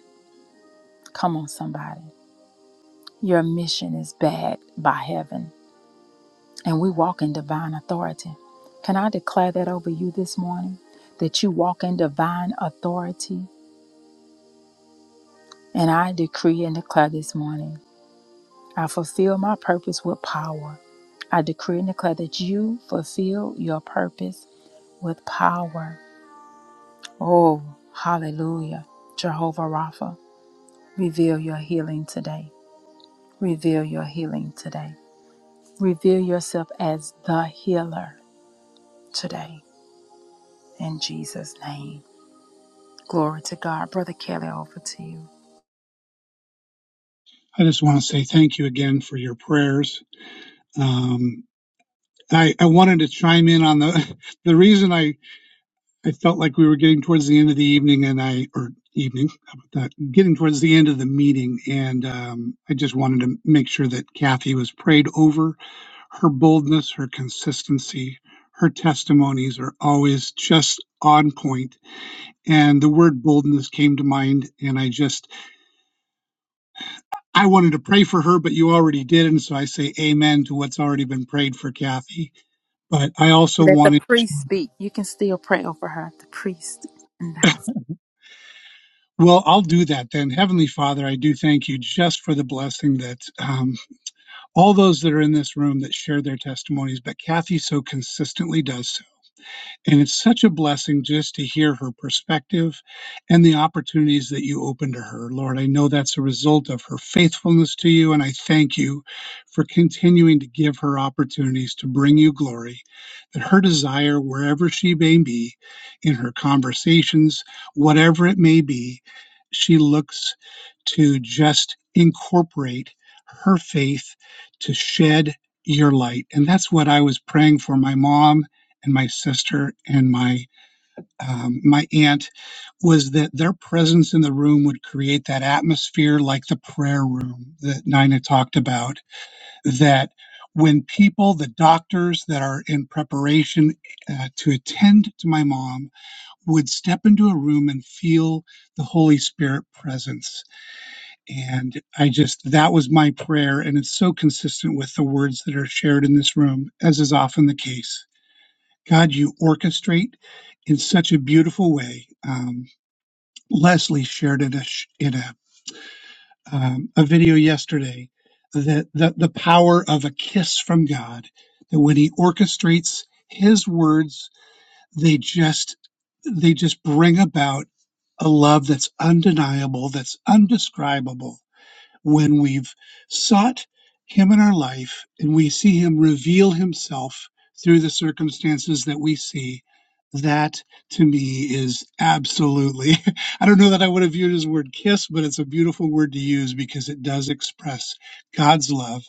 [SPEAKER 1] Come on, somebody. Your mission is backed by heaven, and we walk in divine authority. Can I declare that over you this morning? That you walk in divine authority? And I decree and declare this morning, I fulfill my purpose with power. I decree and declare that you fulfill your purpose with power. Oh, hallelujah, Jehovah Rapha. Reveal your healing today. Reveal your healing today. Reveal yourself as the healer today. In Jesus' name. Glory to God. Brother Kelly, over to you.
[SPEAKER 5] I just want to say thank you again for your prayers. Um, I, I wanted to chime in on the the reason I, I felt like we were getting towards the end of the evening and I or evening how about that getting towards the end of the meeting and um, I just wanted to make sure that Kathy was prayed over. Her boldness, her consistency, her testimonies are always just on point. And the word boldness came to mind, and I just I wanted to pray for her, but you already did. And so I say amen to what's already been prayed for Kathy. But I also
[SPEAKER 1] Let the
[SPEAKER 5] wanted,
[SPEAKER 1] priest speak. You can still pray over her, the priest in the house.
[SPEAKER 5] well, I'll do that then. Heavenly Father, I do thank you just for the blessing that um, all those that are in this room that share their testimonies, but Kathy so consistently does so. And it's such a blessing just to hear her perspective and the opportunities that you open to her. Lord, I know that's a result of her faithfulness to you, and I thank you for continuing to give her opportunities to bring you glory. That her desire, wherever she may be, in her conversations, whatever it may be, she looks to just incorporate her faith to shed your light. And that's what I was praying for my mom and my sister and my um, my aunt was that their presence in the room would create that atmosphere like the prayer room that Nina talked about. That when people, the doctors that are in preparation uh, to attend to my mom, would step into a room and feel the Holy Spirit presence. And I just, that was my prayer. And it's so consistent with the words that are shared in this room, as is often the case. God, you orchestrate in such a beautiful way. Um, Leslie shared in a sh- in a um, a video yesterday that the, the power of a kiss from God. That when He orchestrates His words, they just they just bring about a love that's undeniable, that's undescribable, when we've sought Him in our life and we see Him reveal Himself through the circumstances that we see, that to me is absolutely, I don't know that I would have viewed his word kiss, but it's a beautiful word to use because it does express God's love.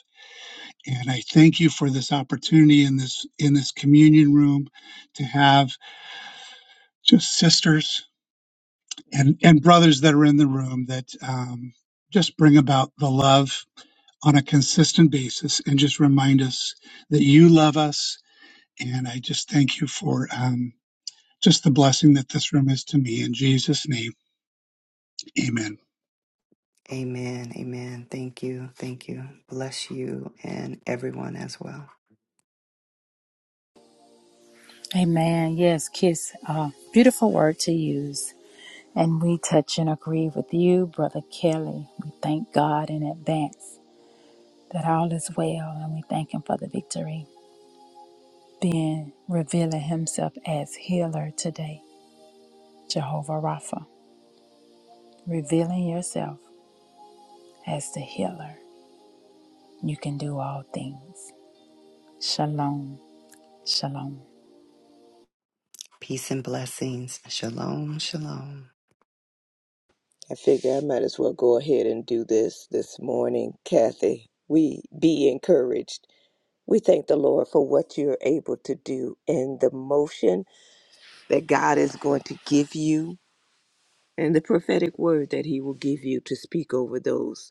[SPEAKER 5] And I thank you for this opportunity in this in this communion room to have just sisters and, and brothers that are in the room that um, just bring about the love on a consistent basis and just remind us that you love us. And I just thank you for um, just the blessing that this room is to me. In Jesus' name, amen.
[SPEAKER 2] Amen. Amen. Thank you. Thank you. Bless you and everyone as well.
[SPEAKER 1] Amen. Yes, kiss. Uh, beautiful word to use. And we touch and agree with you, Brother Kelly. We thank God in advance that all is well and we thank Him for the victory. been revealing himself as healer today, Jehovah Rapha. Revealing yourself as the healer. You can do all things. Shalom. Shalom.
[SPEAKER 2] Peace and blessings. Shalom. Shalom.
[SPEAKER 3] I figure I might as well go ahead and do this this morning, Kathy. We be encouraged. We thank the Lord for what you're able to do and the motion that God is going to give you and the prophetic word that He will give you to speak over those.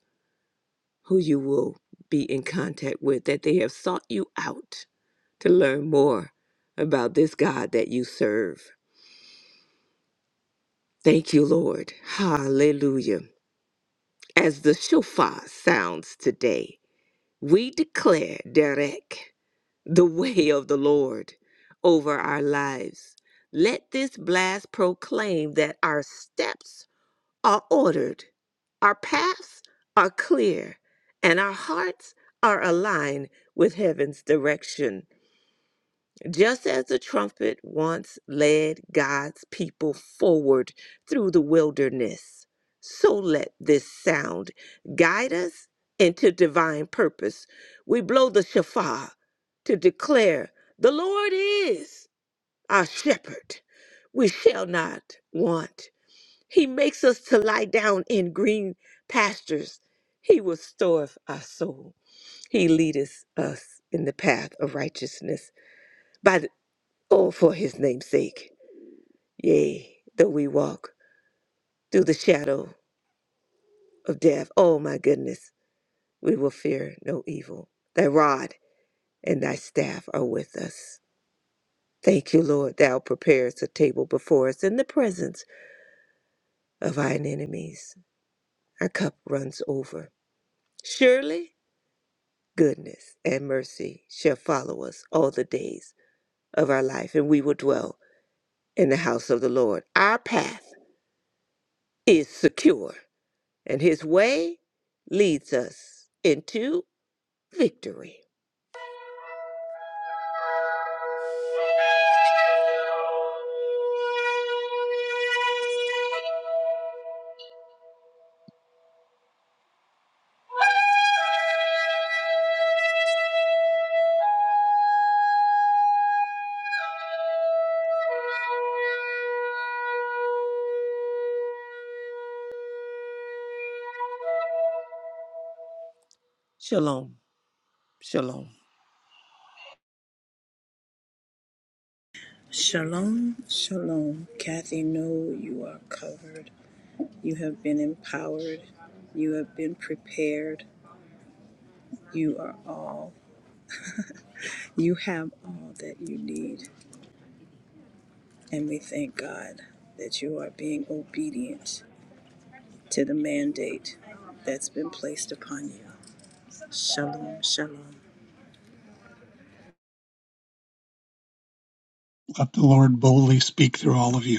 [SPEAKER 3] who you will be in contact with, that they have sought you out to learn more about this God that you serve. Thank you, Lord. Hallelujah. As the shofar sounds today, we declare, Derek, the way of the Lord over our lives. Let this blast proclaim that our steps are ordered, our paths are clear, and our hearts are aligned with heaven's direction. Just as the trumpet once led God's people forward through the wilderness, so let this sound guide us into divine purpose. We blow the shofar to declare the Lord is our shepherd. We shall not want. He makes us to lie down in green pastures. He restoreth our soul. He leadeth us in the path of righteousness. By the, oh, for his name's sake. Yea, though we walk through the shadow of death, oh my goodness, we will fear no evil. Thy rod and thy staff are with us. Thank you, Lord, thou preparest a table before us in the presence of thine enemies. Our cup runs over. Surely goodness and mercy shall follow us all the days of our life, and we will dwell in the house of the Lord. Our path is secure, and his way leads us into victory. Shalom. Shalom.
[SPEAKER 4] Shalom, shalom. Kathy, know you are covered. You have been empowered. You have been prepared. You are all. You have all that you need. And we thank God that you are being obedient to the mandate that's been placed upon you. Shalom, shalom.
[SPEAKER 5] Let the Lord boldly speak through all of you.